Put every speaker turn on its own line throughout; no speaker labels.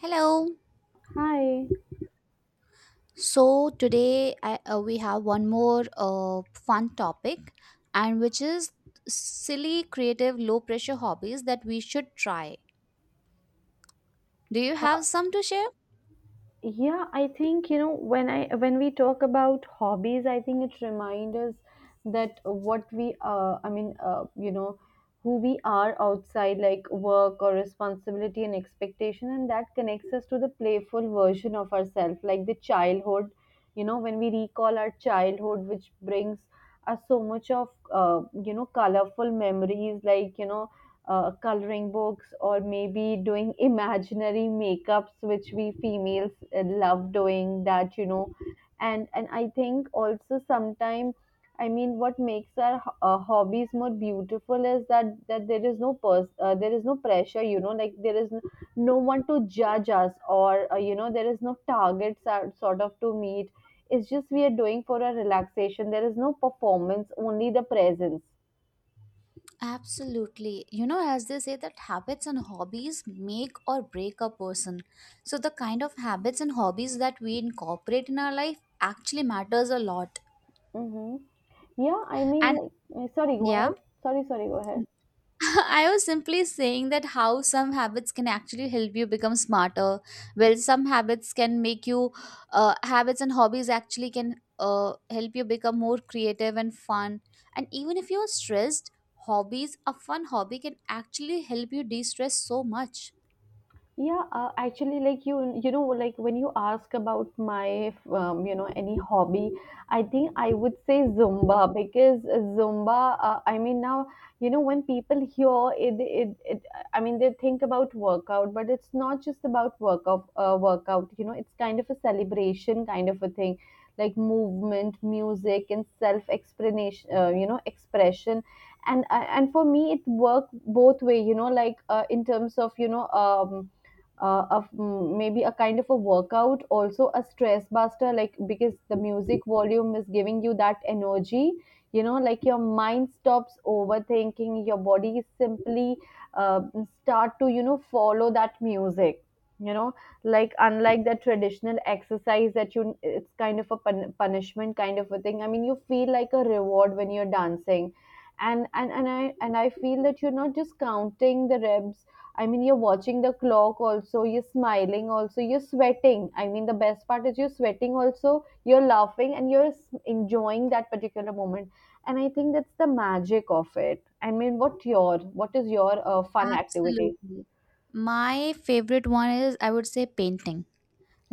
Hello.
Hi.
So today we have one more fun topic, and which is silly, creative, low pressure hobbies that we should try. Do you have some to share?
Yeah, I think when we talk about hobbies, I think it reminds us that what we I mean you know who we are outside like work or responsibility and expectation, and that connects us to the playful version of ourselves, like the childhood. You know, when we recall our childhood, which brings us so much of uh, you know, colorful memories, like you know, coloring books or maybe doing imaginary makeups, which we females love doing that, you know. And I think also sometimes, I mean, what makes our hobbies more beautiful is that there is no there is no pressure, you know, like there is no one to judge us, or you know, there is no targets are sort of to meet. It's just we are doing for a relaxation. There is no performance, only the presence.
Absolutely. You know, as they say, that habits and hobbies make or break a person. So, the kind of habits and hobbies that we incorporate in our life actually matters a lot.
Mm-hmm. Yeah, I mean,
And
like, sorry, go
yeah.
ahead. Sorry, sorry, go ahead.
I was simply saying that how some habits can actually help you become smarter. Well, some habits can make you, habits and hobbies actually can help you become more creative and fun. And even if you're stressed, hobbies, a fun hobby can actually help you de stress so much.
Yeah, actually, like you know, like when you ask about my, you know, any hobby, I think I would say Zumba, because Zumba, I mean, now, you know, when people hear it, I mean, they think about workout, but it's not just about workout, you know. It's kind of a celebration, kind of a thing, like movement, music, and you know, expression. And for me, it worked both way, you know, in terms of, of maybe a kind of a workout, also a stress buster, like because the music volume is giving you that energy, you know, like your mind stops overthinking, your body simply uh, start to, you know, follow that music, you know, like unlike the traditional exercise that you, it's kind of a punishment kind of a thing. I mean, you feel like a reward when you're dancing. And I feel that you're not just counting the reps. I mean, you're watching the clock also. You're smiling also. You're sweating. I mean, the best part is you're sweating also. You're laughing and you're enjoying that particular moment. And I think that's the magic of it. I mean, what is your fun activity?
Absolutely. My favorite one is I would say painting,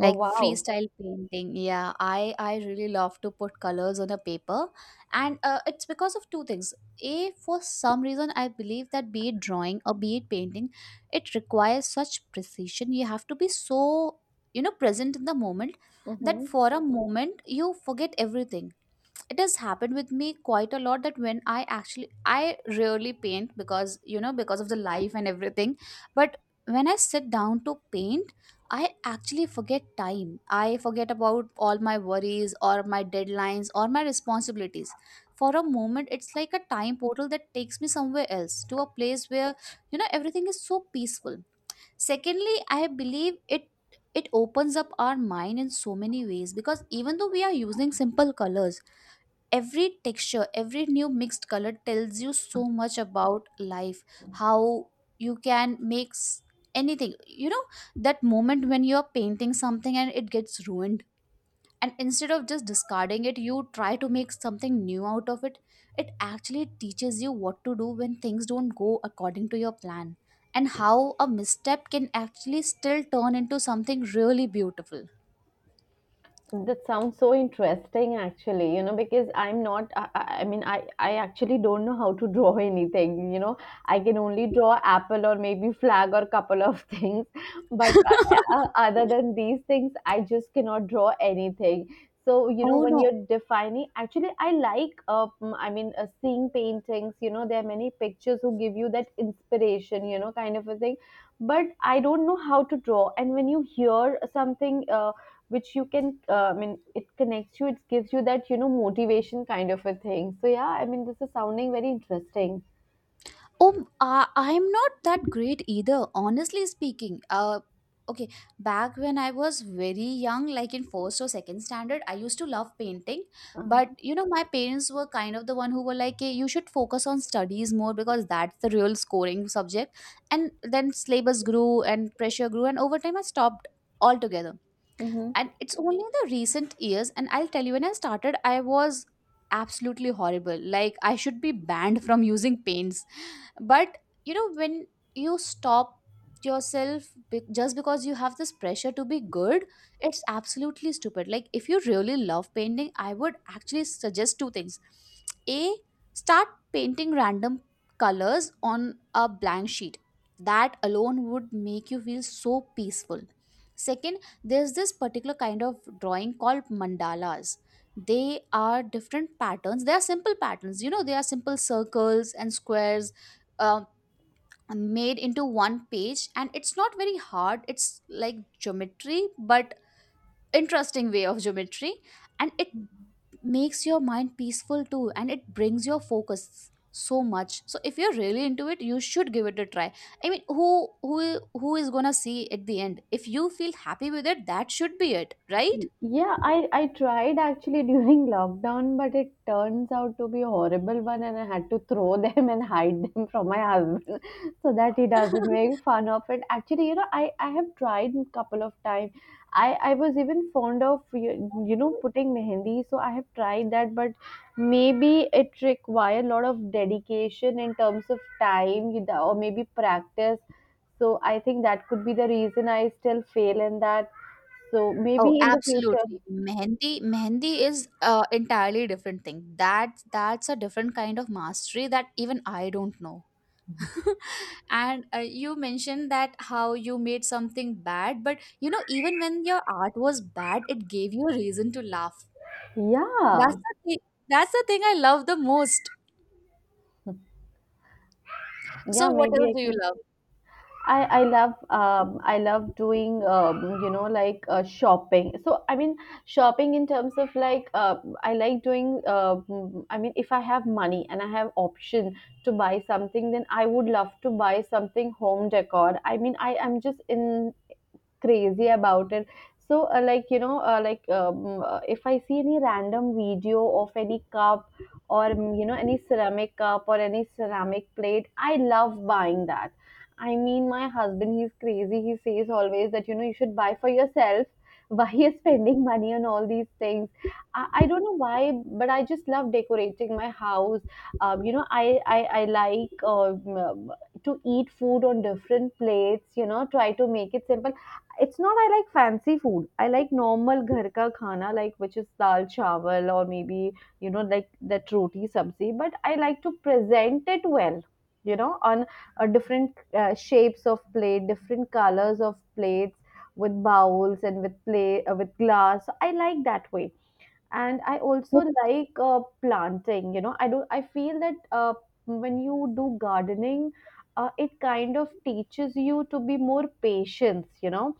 Oh, wow.
freestyle painting. Yeah, I really love to put colors on a paper, and it's because of two things. A, for some reason, I believe that be it drawing or be it painting, it requires such precision. You have to be so, you know, present in the moment, that
Mm-hmm.
for a moment you forget everything. It has happened with me quite a lot that when I actually I rarely paint because, you know, because of the life and everything. But when I sit down to paint, I actually forget time. I forget about all my worries or my deadlines or my responsibilities. For a moment, it's like a time portal that takes me somewhere else to a place where, you know, everything is so peaceful. Secondly, I believe it opens up our mind in so many ways, because even though we are using simple colors, every texture, every new mixed color tells you so much about life. How you can make anything, you know, that moment when you're painting something and it gets ruined, and instead of just discarding it you try to make something new out of it, it actually teaches you what to do when things don't go according to your plan, and how a misstep can actually still turn into something really beautiful.
That sounds so interesting, actually, you know, because I mean, I actually don't know how to draw anything, you know. I can only draw apple or maybe flag or couple of things. But other than these things, I just cannot draw anything. So, you know,
Oh
when
no.
you're defining, actually, I like, I mean, seeing paintings, you know, there are many pictures who give you that inspiration, you know, kind of a thing. But I don't know how to draw. And when you hear something, which you can, I mean, it connects you, it gives you that, you know, motivation kind of a thing. So yeah, I mean, this is sounding very interesting.
Oh, I'm not that great either, honestly speaking. Okay, back when I was very young, like in first or second standard, I used to love painting. But
um,
you know, my parents were kind of the one who were like, hey, you should focus on studies more because that's the real scoring subject. And then syllabus grew and pressure grew, and over time I stopped altogether.
mhm.
And it's only in the recent years, and I'll tell you, when I started, I was absolutely horrible. Like I should be banned from using paints, but you know, when you stop yourself just because you have this pressure to be good, it's absolutely stupid. Like if you really love painting, I would actually suggest two things. A, start painting random colors on a blank sheet. That alone would make you feel so peaceful. Second, there's this particular kind of drawing called mandalas. They are different patterns. They are simple patterns, you know, they are simple circles and squares, uh, made into one page, and it's not very hard. It's like geometry, but interesting way of geometry. And it makes your mind peaceful too, and it brings your focus so much. So if you're really into it, you should give it a try. I mean, who is gonna see at the end? If you feel happy with it, that should be it, right?
Yeah, I tried actually during lockdown, but it turns out to be a horrible one, and I had to throw them and hide them from my husband so that he doesn't make fun of it. Actually, you know, I have tried a couple of times. I was even fond of, you know, putting mehendi, so I have tried that. But maybe it requires a lot of dedication in terms of time, you know, or maybe practice. So I think that could be the reason I still fail in that. So
Oh,
maybe in the future,
absolutely. Mehendi is entirely different thing. That's a different kind of mastery that even I don't know. And you mentioned that how you made something bad, but you know, even when your art was bad, it gave you a reason to laugh. That's
yeah,
the thing. That's the thing I love the most.
yeah,
So what
maybe
else
I
do you
can.
love?
I love I love doing you know, like, shopping. So I mean, shopping in terms of I like doing I mean, if I have money and I have option to buy something, then I would love to buy something home decor. I mean, I am just in crazy about it. So like you know, like if I see any random video of any cup or you know, any ceramic cup or any ceramic plate, I love buying that. I mean, my husband, he's crazy, he says always that, you know, you should buy for yourself. Why you're spending money on all these things? I don't know why, but I just love decorating my house. You know, I like to eat food on different plates, you know, try to make it simple. It's not I like fancy food. I like normal ghar ka khana, like which is dal chawal, or maybe you know like that roti sabzi. But I like to present it well, you know, on different shapes of plate, different colors of plates, with bowls and with play with glass. I like that way. And I
Yep.
also like planting. You know, I do. I feel that when you do gardening, it kind of teaches you to be more patient, you know.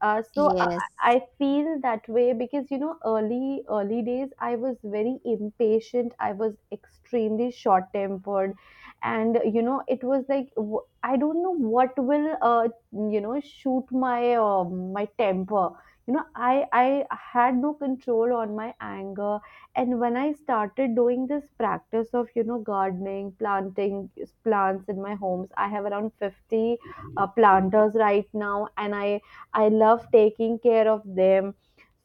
uh, so I,
Yes,
I feel that way because, you know, early days I was very impatient. I was extremely short tempered, and you know, it was like I don't know what will you know, shoot my temper. You know, I had no control on my anger. And when I started doing this practice of, you know, gardening, planting plants in my homes, I have around 50 planters right now, and I love taking care of them.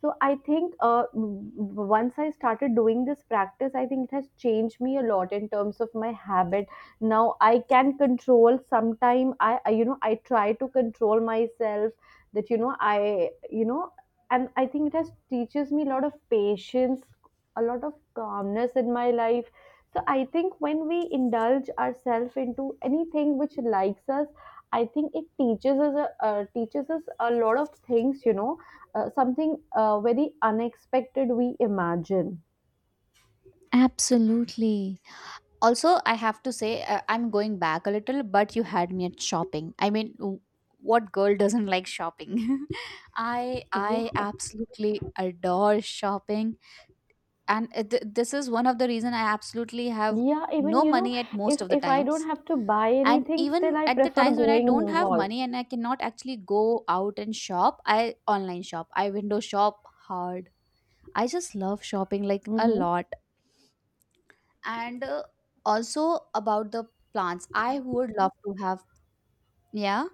So I think, once I started doing this practice, I think it has changed me a lot in terms of my habit. Now I can control. Sometime I, you know, I try to control myself. That you know, I, you know, and I think it has teaches me a lot of patience, a lot of calmness in my life. So I think when we indulge ourselves into anything which likes us, I think it teaches us a lot of things. You know, something very unexpected we imagine.
absolutely. Also, I have to say, I'm going back a little, but you had me at shopping. I mean, what girl doesn't like shopping? I
Yeah.
absolutely adore shopping, and this is one of the reason I absolutely have
Yeah, even
no
you know,
money at most of the
if I don't
times.
have to buy
And
anything,
even
still I
at the
prefer
times when I
going
don't have
mall.
money and I cannot actually go out and shop, I online shop, I window shop hard. I just love shopping like a
Mm-hmm.
lot. And also about the plants, I would love to have. Yeah,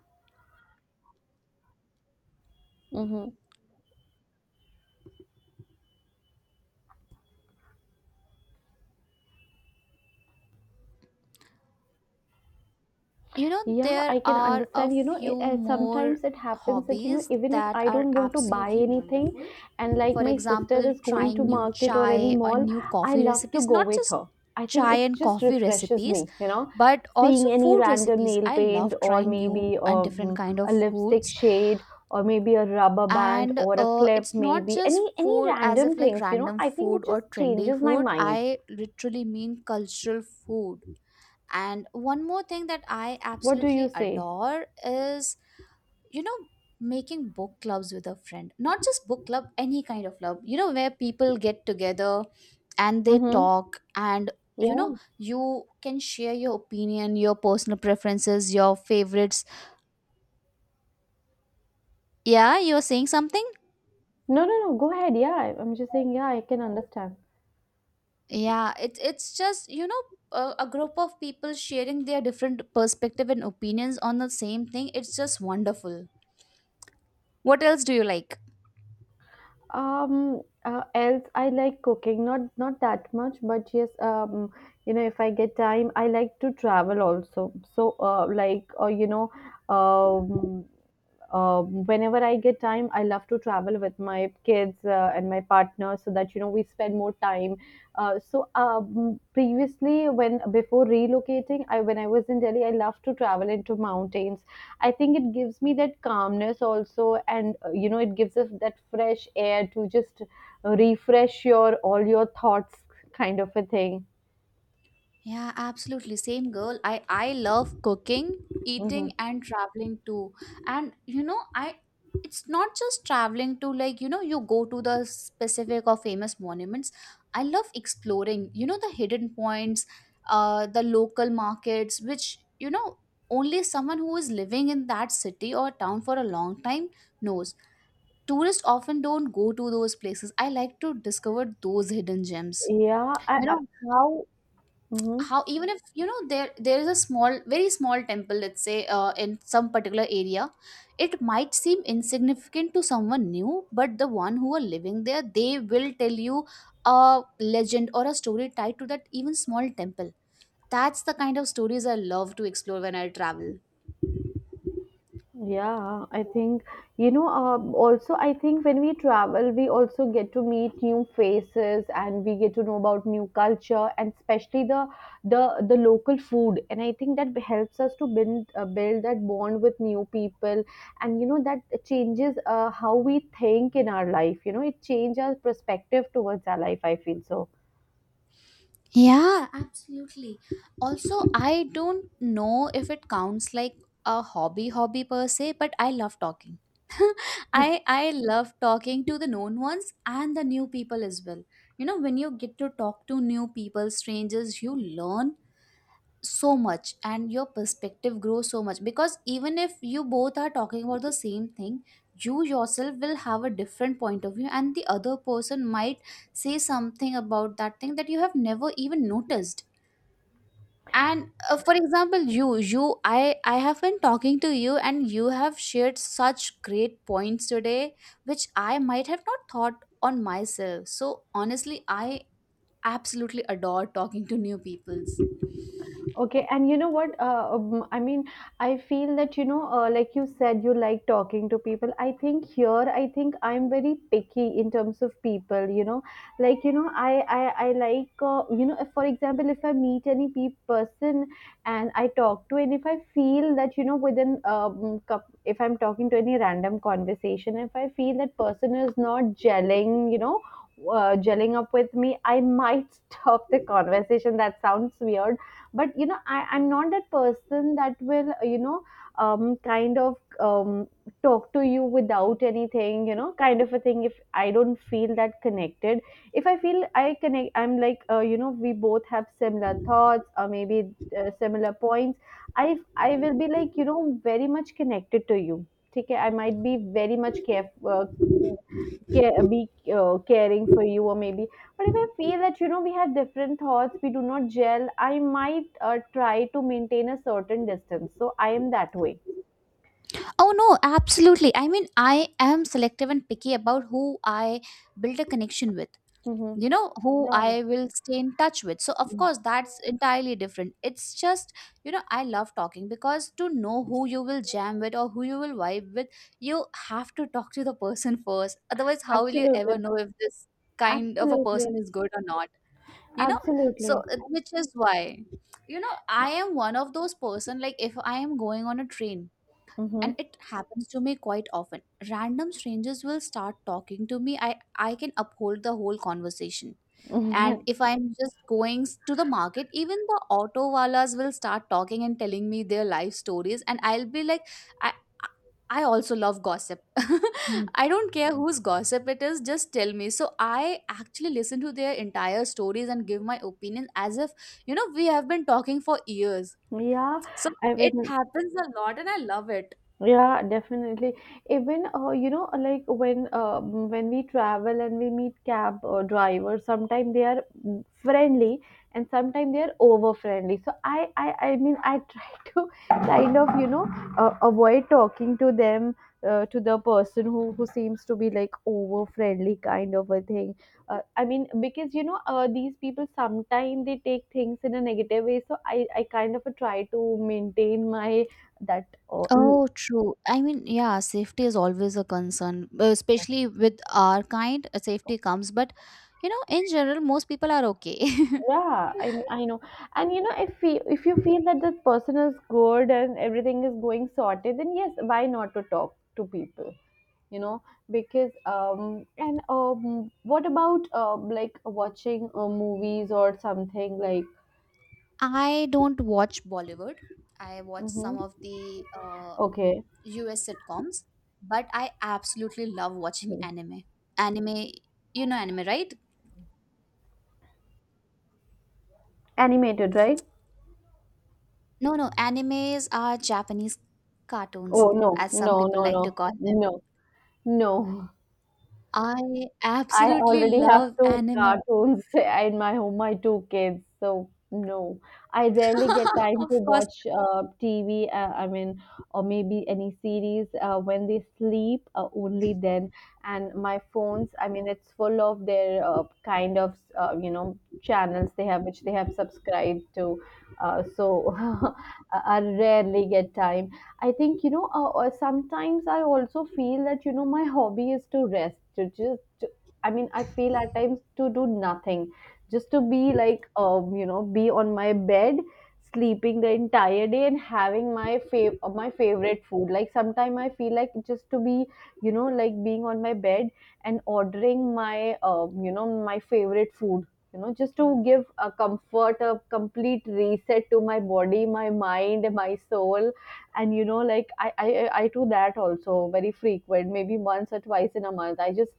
you know,
Yeah,
there
I can
are a
understand. You know, it,
few more
sometimes it happens that, you know,
hobbies
even if
that
I
are
don't want to buy
absolutely
anything
wonderful.
and like
For
my sister
example,
is going to
trying new
market or any
chai or
mall,
new
I
coffee
love to
recipes.
go
Not
with
just
her. I think
chai
it
and
just
coffee
refreshes
recipes,
me, you know,
but also
seeing any
food
random
recipes.
nail
I
paint,
love
or
trying
maybe
new and different kind
a
of
lipstick
foods.
shade, or maybe a rubber band
And
or a clip,
it's not
maybe
just
any
food as
random
if like
things, you know,
random
I think it
food or
just
trendy
changes my
food.
mind.
I literally mean cultural food. And one more thing that I
What do
absolutely
you say?
adore is, you know, making book clubs with a friend. Not just book club, any kind of club, you know, where people get together and they
Mm-hmm.
talk, and you know,
Yeah.
you can share your opinion, your personal preferences, your favorites. Yeah, you're saying something.
No, no, no. Go ahead. Yeah, I- I'm just saying. Yeah, I can understand.
Yeah, it's just, you know, a group of people sharing their different perspective and opinions on the same thing. It's just wonderful. What else do you like?
Else I like cooking. Not that much, but yes. You know, if I get time, I like to travel also. So, like, or you know, um, whenever I get time, I love to travel with my kids and my partner so that, you know, we spend more time. Previously, when before relocating, I when I was in Delhi, I love to travel into mountains. I think it gives me that calmness also, and you know, it gives us that fresh air to just refresh your all your thoughts, kind of a thing.
Yeah, absolutely. Same girl. I love cooking,
Hmm.
eating and traveling too. And you know, I it's not just traveling to, like, you know, you go to the specific or famous monuments. I love exploring, you know, the hidden points, uh, the local markets which, you know, only someone who is living in that city or town for a long time knows. Tourists often don't go to those places. I like to discover those hidden gems.
Yeah,
You
I
know, how
mhm.
how, even if you know, there is a small, very small temple, let's say in some particular area, it might seem insignificant to someone new, but the one who are living there, they will tell you a legend or a story tied to that even small temple. That's the kind of stories I love to explore when I travel.
Yeah, I think you know. Also, I think when we travel, we also get to meet new faces and we get to know about new culture, and especially the local food. And I think that helps us to build that bond with new people. And you know that changes how we think in our life. You know, it changes our perspective towards our life. I feel so.
Yeah, absolutely. Also, I don't know if it counts like a hobby hobby per se, but I love talking. I love talking to the known ones and the new people as well. You know, when you get to talk to new people, strangers, you learn so much, and your perspective grows so much, because even if you both are talking about the same thing, you yourself will have a different point of view, and the other person might say something about that thing that you have never even noticed. And for example, you I have been talking to you, and you have shared such great points today which I might have not thought on myself. So honestly, I absolutely adore talking to new peoples.
Okay, and you know what? I mean, I feel that you know, like you said, you like talking to people. I think here, I think I'm very picky in terms of people. You know, like you know, I like you know, if, for example, if I meet any person and I talk to, and if I feel that you know, within if I'm talking to any random conversation, if I feel that person is not gelling, you know. Gelling up with me, I might stop the conversation. That sounds weird, but you know I'm not that person that will kind of talk to you without anything, you know, kind of a thing, if I don't feel that connected. If I feel I connect, I'm like, you know, we both have similar thoughts, or maybe similar points. I will be like, you know, very much connected to you. Okay, I might be very much careful, be caring for you, or maybe. But if I feel that, you know, we had different thoughts, we do not gel, I might try to maintain a certain distance. So I am that way.
Oh no, absolutely. I mean, I am selective and picky about who I build a connection with.
Mm-hmm.
You know, who
Yeah.
I will stay in touch with. So, of
Mm.
course, that's entirely different. It's just, you know, I love talking because to know who you will jam with or who you will vibe with, you have to talk to the person first. Otherwise, how will you ever
Absolutely.
know if this kind of a person
Absolutely.
is good or not? You know, so
Absolutely.
which is why, you know, I am one of those person, like if I am going on a train,
Mm-hmm.
and it happens to me quite often, random strangers will start talking to me. I can uphold the whole conversation. And if I'm just going to the market, even the auto walas will start talking and telling me their life stories, and I'll be like, I I also love gossip. I don't care whose gossip it is, just tell me. So I actually listen to their entire stories and give my opinion as if, you know, we have been talking for years.
Yeah,
So
I
it
mean.
happens a lot and I love it.
Yeah, definitely. Even you know, like when when we travel and we meet cab drivers, sometimes they are friendly, and sometimes they are over friendly. So I mean, I try to kind of, you know, avoid talking to them, to the person who seems to be like over friendly, kind of a thing. I mean, because, you know, these people sometimes they take things in a negative way. So I kind of try to maintain my that. Uh,
Oh, true. I mean, yeah, safety is always a concern, especially with our kind. Safety comes, but you know, in general, most people are okay.
yeah, I know. And, you know, if you feel that this person is good and everything is going sorted, then yes, why not to talk to people, you know? Because um and what about, like watching movies or something, like.
I don't watch Bollywood. I watch
Mm-hmm.
some of the
Okay.
US sitcoms, but I absolutely love watching anime. Anime, you know anime, right?
Animated, right?
No, no, animes are Japanese cartoons,
Oh, no,
as some
no,
people
no,
like
no.
to call.
No. No.
I
I
absolutely
already have
love
two
anime.
cartoons in my home, my two kids. So no, I rarely get time to
Of course,
watch TV. I mean, or maybe any series when they sleep. Only then, and my phones. I mean, it's full of their kind of you know, channels they have, which they have subscribed to. So, I rarely get time. I think, you know. Sometimes I also feel that, you know, my hobby is to rest, to just, I mean, I feel at times to do nothing, just to be like, you know, be on my bed, sleeping the entire day and having my my favorite food. Like sometimes I feel like just to be, you know, like being on my bed and ordering my, you know, my favorite food. You know, just to give a comfort, a complete reset to my body, my mind, and my soul, and, you know, like I do that also very frequent, maybe once or twice in a month. I just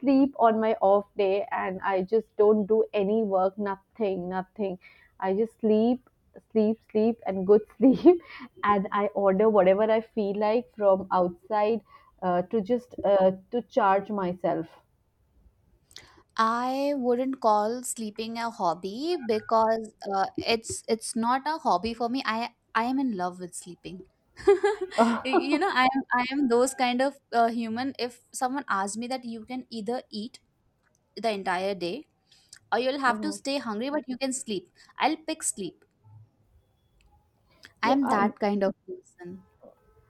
sleep on my off day, and I just don't do any work, nothing, nothing. I just sleep, sleep, sleep, and good sleep. And I order whatever I feel like from outside, to just, to charge myself.
I wouldn't call sleeping a hobby because it's not a hobby for me. I am in love with sleeping. You know, I am those kind of human. If someone asks me that you can either eat the entire day or you'll have to
Mhm.
stay hungry, but you can sleep, I'll pick sleep. I
Yeah,
am that kind of person.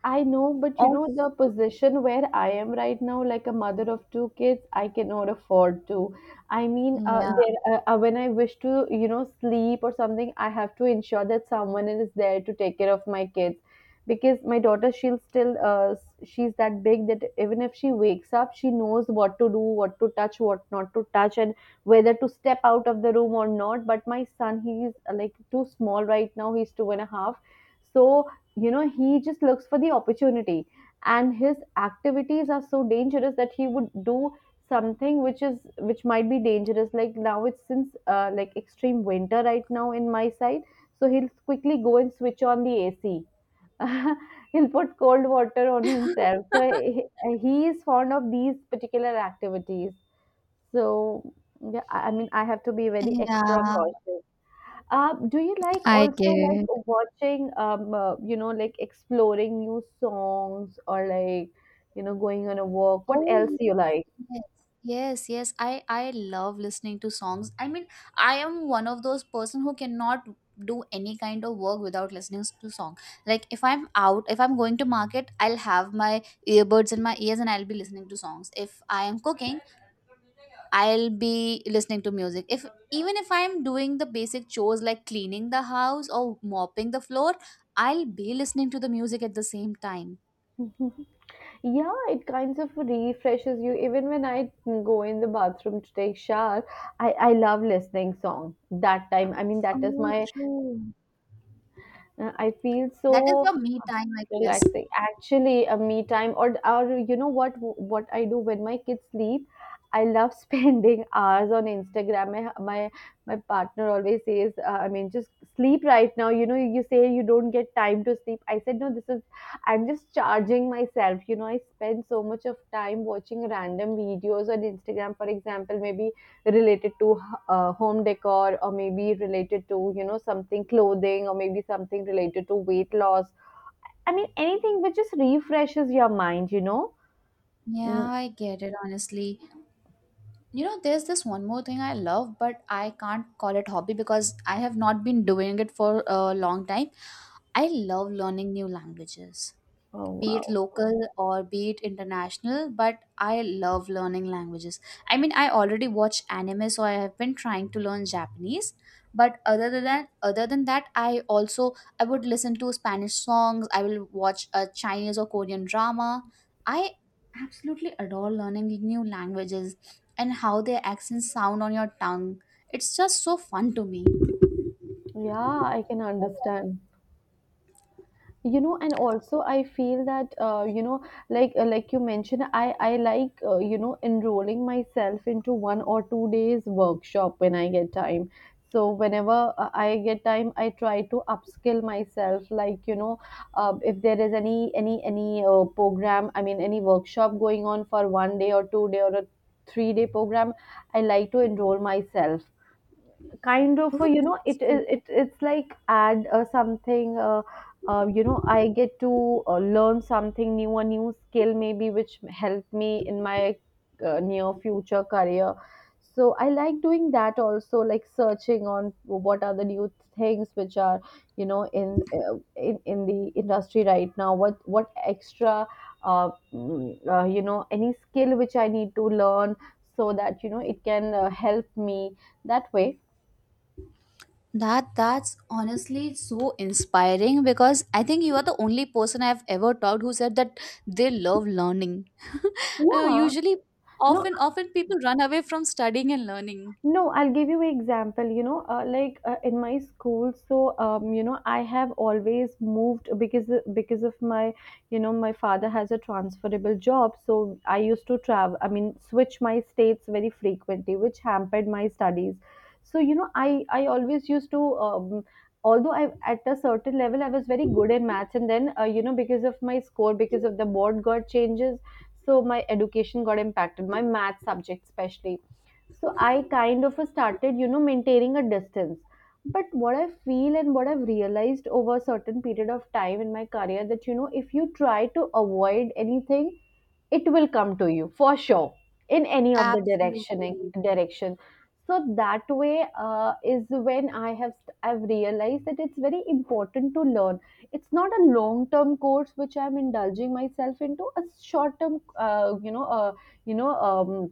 I know, but you know,
Also,
the position where I am right now, like a mother of two kids, I cannot afford to. I mean,
yeah.
there, when I wish to, you know, sleep or something, I have to ensure that someone is there to take care of my kids. Because my daughter, she'll still, she's that big that even if she wakes up, she knows what to do, what to touch, what not to touch, and whether to step out of the room or not. But my son, he's like too small right now, he's two and a half. So, you know, he just looks for the opportunity, and his activities are so dangerous that he would do something which might be dangerous. Like, now it's since, like, extreme winter right now in my side, so he'll quickly go and switch on the AC. He'll put cold water on himself. So he is fond of these particular activities. So yeah, I mean, I have to be very extra
Yeah,
cautious. Do you like
I get
also like
it.
watching you know, like, exploring new songs, or like, you know, going on a walk? What
Oh
else do you like?
yes, yes, yes. I love listening to songs. I mean, I am one of those person who cannot do any kind of work without listening to song. Like if I'm out, if I'm going to market, I'll have my earbuds in my ears and I'll be listening to songs. If I am cooking, I'll be listening to music. If even if I'm doing the basic chores like cleaning the house or mopping the floor, I'll be listening to the music at the same time.
Yeah, it kinds of refreshes you. Even when I go in the bathroom to take shower, I love listening song that time. I mean, that is
Oh,
my.
true.
I feel
That is
so
your me
uh,
time, I guess.
relaxing. Actually, a me time, or you know what I do when my kids sleep. I love spending hours on Instagram. My partner always says, I mean, just sleep right now. You know, you say you don't get time to sleep. I said, no, this is, I'm just charging myself. You know, I spend so much of time watching random videos on Instagram, for example, maybe related to home decor, or maybe related to, you know, something clothing, or maybe something related to weight loss. I mean, anything which just refreshes your mind, you know. Mm.
Yeah, I get it, honestly. You know, there's this one more thing I love, but I can't call it hobby because I have not been doing it for a long time. I love learning new languages,
Oh,
be it
wow.
local or be it international, but I love learning languages. I mean, I already watch anime, so I have been trying to learn Japanese. But other than that, I also, I would listen to Spanish songs, I will watch a Chinese or Korean drama. I absolutely adore learning new languages and how their accents sound on your tongue. It's just so fun to me.
Yeah, I can understand. You know, and also I feel that, you know, like you mentioned, I like, you know, enrolling myself into 1 or 2 days workshop when I get time. So whenever I get time, I try to upskill myself, like, you know, if there is any program, I mean, any workshop going on for one day or 2 day or a 3 day program, I like to enroll myself, kind of
Oh,
a, you know, it,
that's
it
cool.
it it's like add something, you know, I get to learn something new, a new skill, maybe, which help me in my near future career. So I like doing that also, like searching on what are the new things which are, you know, in the industry right now, what extra, you know, any skill which I need to learn, so that, you know, it can help me that way.
That's honestly so inspiring because I think you are the only person I've ever talked who said that they love learning.
Yeah.
Usually,
No,
often people run away from studying and learning.
no, I'll give you an example. You know, like, in my school, so, you know, I have always moved because of my, you know, my father has a transferable job, so I used to travel. I mean, switch my states very frequently, which hampered my studies. So, you know, I always used to. Although I, at a certain level, I was very good in maths, and then, you know, because of my score, because of the board got changes, so my education got impacted, my math subject especially. So I kind of started, you know, maintaining a distance. But what I feel and what I've realized over a certain period of time in my career that, you know, if you try to avoid anything, it will come to you for sure, in any of the direction
Absolutely.
direction So that way, is when I have I I've realized that it's very important to learn. It's not a long term course which I'm indulging myself into, a short term, you know, you know um,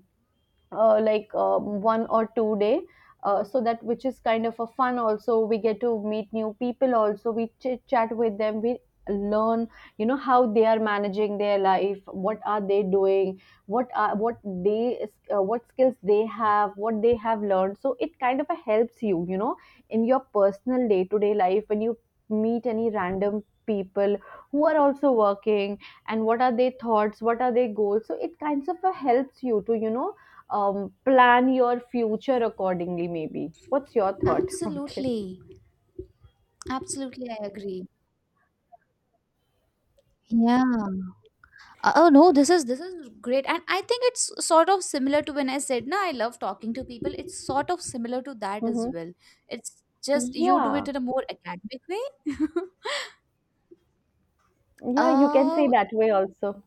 one or two day, so that, which is kind of a fun, also we get to meet new people, also we chit chat with them, we learn, you know, how they are managing their life, what are they doing, what are they what skills they have, what they have learned, so it kind of helps you, you know, in your personal day to day life, when you meet any random people who are also working, and what are their thoughts, what are their goals, so it kinds of helps you to, you know, plan your future accordingly, maybe. What's your thought about it?
Absolutely. Absolutely, I agree. Yeah. Oh no, this is great, and I think it's sort of similar to when I said, "No, I love talking to people." It's sort of similar to that as
Hmm.
well. It's just you do
Yeah,
it in a more academic way.
yeah, you can say
Uh
that way also.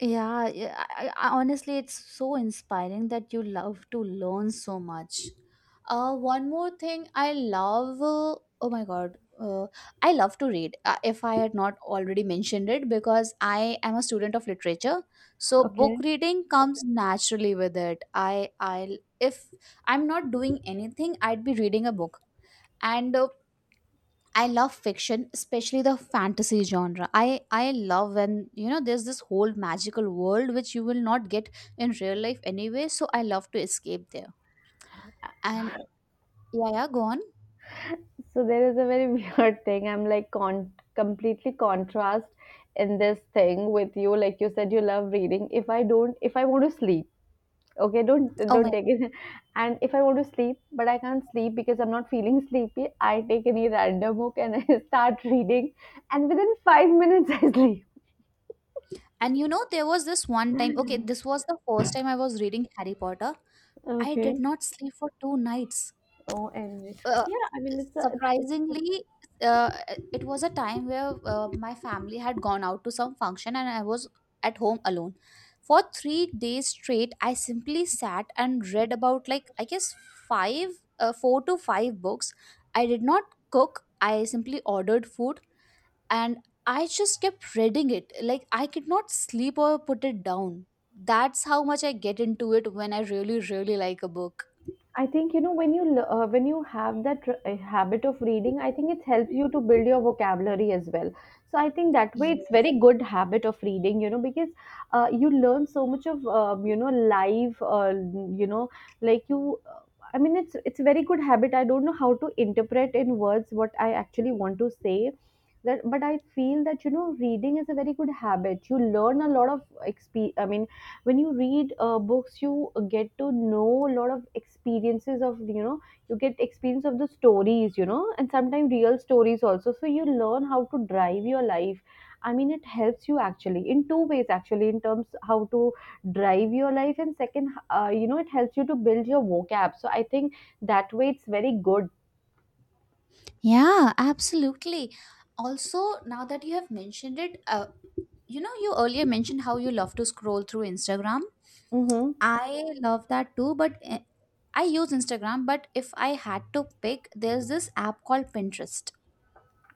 Yeah, yeah, honestly, it's so inspiring that you love to learn so much. One more thing I love, oh my God, I love to read. If I had not already mentioned it, because I am a student of literature, so book
Okay.
reading comes naturally with it. If I'm not doing anything, I'd be reading a book, and I love fiction, especially the fantasy genre. I love when you know there's this whole magical world which you will not get in real life anyway. So I love to escape there. And yeah, yeah, go on.
So there is a very weird thing. I'm like, con completely contrast in this thing with you. Like you said, you love reading. If I want to sleep, okay, don't
Oh
don't
my!
take it. And if I want to sleep, but I can't sleep because I'm not feeling sleepy, I take any random book and I start reading, and within 5 minutes I sleep.
And you know there was this one time. Okay, this was the first time I was reading Harry Potter. I
Okay.
did not sleep for two nights.
Oh, and.
uh,
Yeah, I mean, it's-
Surprisingly, uh, it was a time where my family had gone out to some function and I was at home alone for 3 days straight. I simply sat and read about, like, I guess 5, 4 to 5 books. I did not cook, I simply ordered food, and I just kept reading it. Like, I could not sleep or put it down. That's how much I get into it when I really like a book.
I think, you know, when when you have that habit of reading, I think it helps you to build your vocabulary as well. So I think that way it's
Yeah.
very good habit of reading, you know, because you learn so much of, you know, live, you know, like you, I mean, it's a very good habit. I don't know how to interpret in words what I actually want to say. That, but I feel that, you know, reading is a very good habit. You learn a lot of exp. I mean, when you read books, you get to know a lot of experiences of, you know, you get experience of the stories, you know, and sometimes real stories also, so you learn how to drive your life. I mean, it helps you actually in two ways actually, in terms how to drive your life, and second, you know, it helps you to build your vocab, so I think that way it's very good.
Yeah, absolutely. Also, now that you have mentioned it, you know, you earlier mentioned how you love to scroll through Instagram.
Mm-hmm.
I love that too, but I use Instagram. But if I had to pick, there's this app called Pinterest,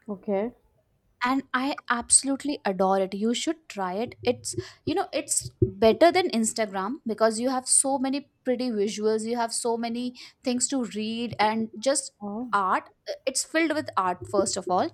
Okay.
and I absolutely adore it. You should try it. It's you know, it's better than Instagram because you have so many pretty visuals, you have so many things to read and just
Oh,
art. It's filled with art first of all,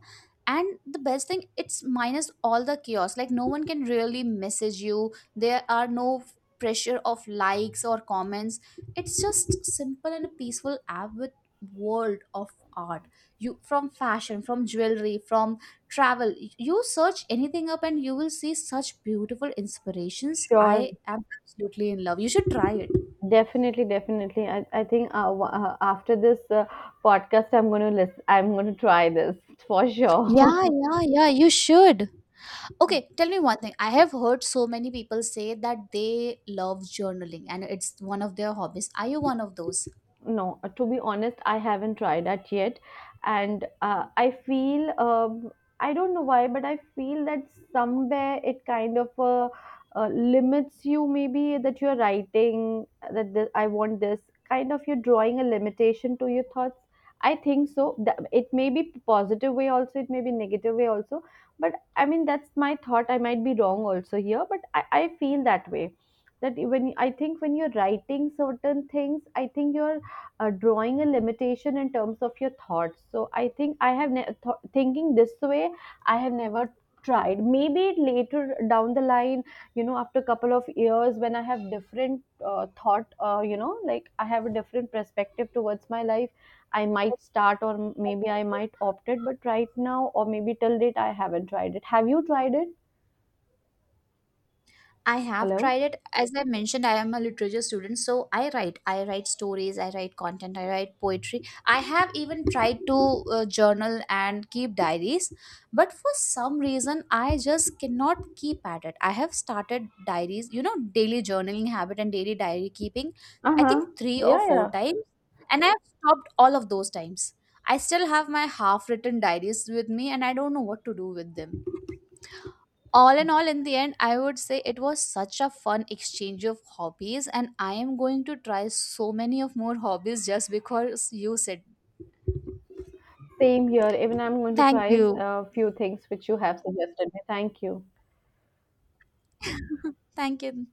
and the best thing, it's minus all the chaos. Like, no one can really message you, there are no pressure of likes or comments. It's just simple and a peaceful app with world of art. You, from fashion, from jewelry, from travel, you search anything up and you will see such beautiful inspirations.
sure.
I am absolutely in love, you should try it.
Definitely, definitely. I think, after this podcast, I'm going to listen. I'm going to try this for sure.
Yeah, yeah, yeah, you should. Okay, tell me one thing. I have heard so many people say that they love journaling and it's one of their hobbies. Are you one of those?
No, to be honest, I haven't tried that yet. And I feel, I don't know why, but I feel that somewhere it kind of limits you, maybe that you're writing, that this, I want this, kind of you're drawing a limitation to your thoughts. I think so. It may be positive way also, it may be negative way also. But I mean, that's my thought. I might be wrong also here, but I feel that way. That when I think, when you're writing certain things, I think you're drawing a limitation in terms of your thoughts. So I think I have thinking this way. I have never tried. Maybe later down the line, you know, after a couple of years, when I have different thought, you know, like I have a different perspective towards my life, I might start, or maybe I might opt it. But right now, or maybe till date, I haven't tried it. Have you tried it?
I have
Hello.
tried it. As I mentioned, I am a literature student, so I write. I write stories, I write content, I write poetry. I have even tried to journal and keep diaries, but for some reason, I just cannot keep at it. I have started diaries, you know, daily journaling habit and daily diary keeping,
Uh
I
huh.
think three or
Yeah,
four
yeah.
times, and I have stopped all of those times. I still have my half written diaries with me, and I don't know what to do with them. All in all in the end, I would say it was such a fun exchange of hobbies, and I am going to try so many of more hobbies just because you said.
Same here. Even I'm going to
Thank
try
you.
a few things which you have suggested me. Thank you.
Thank you.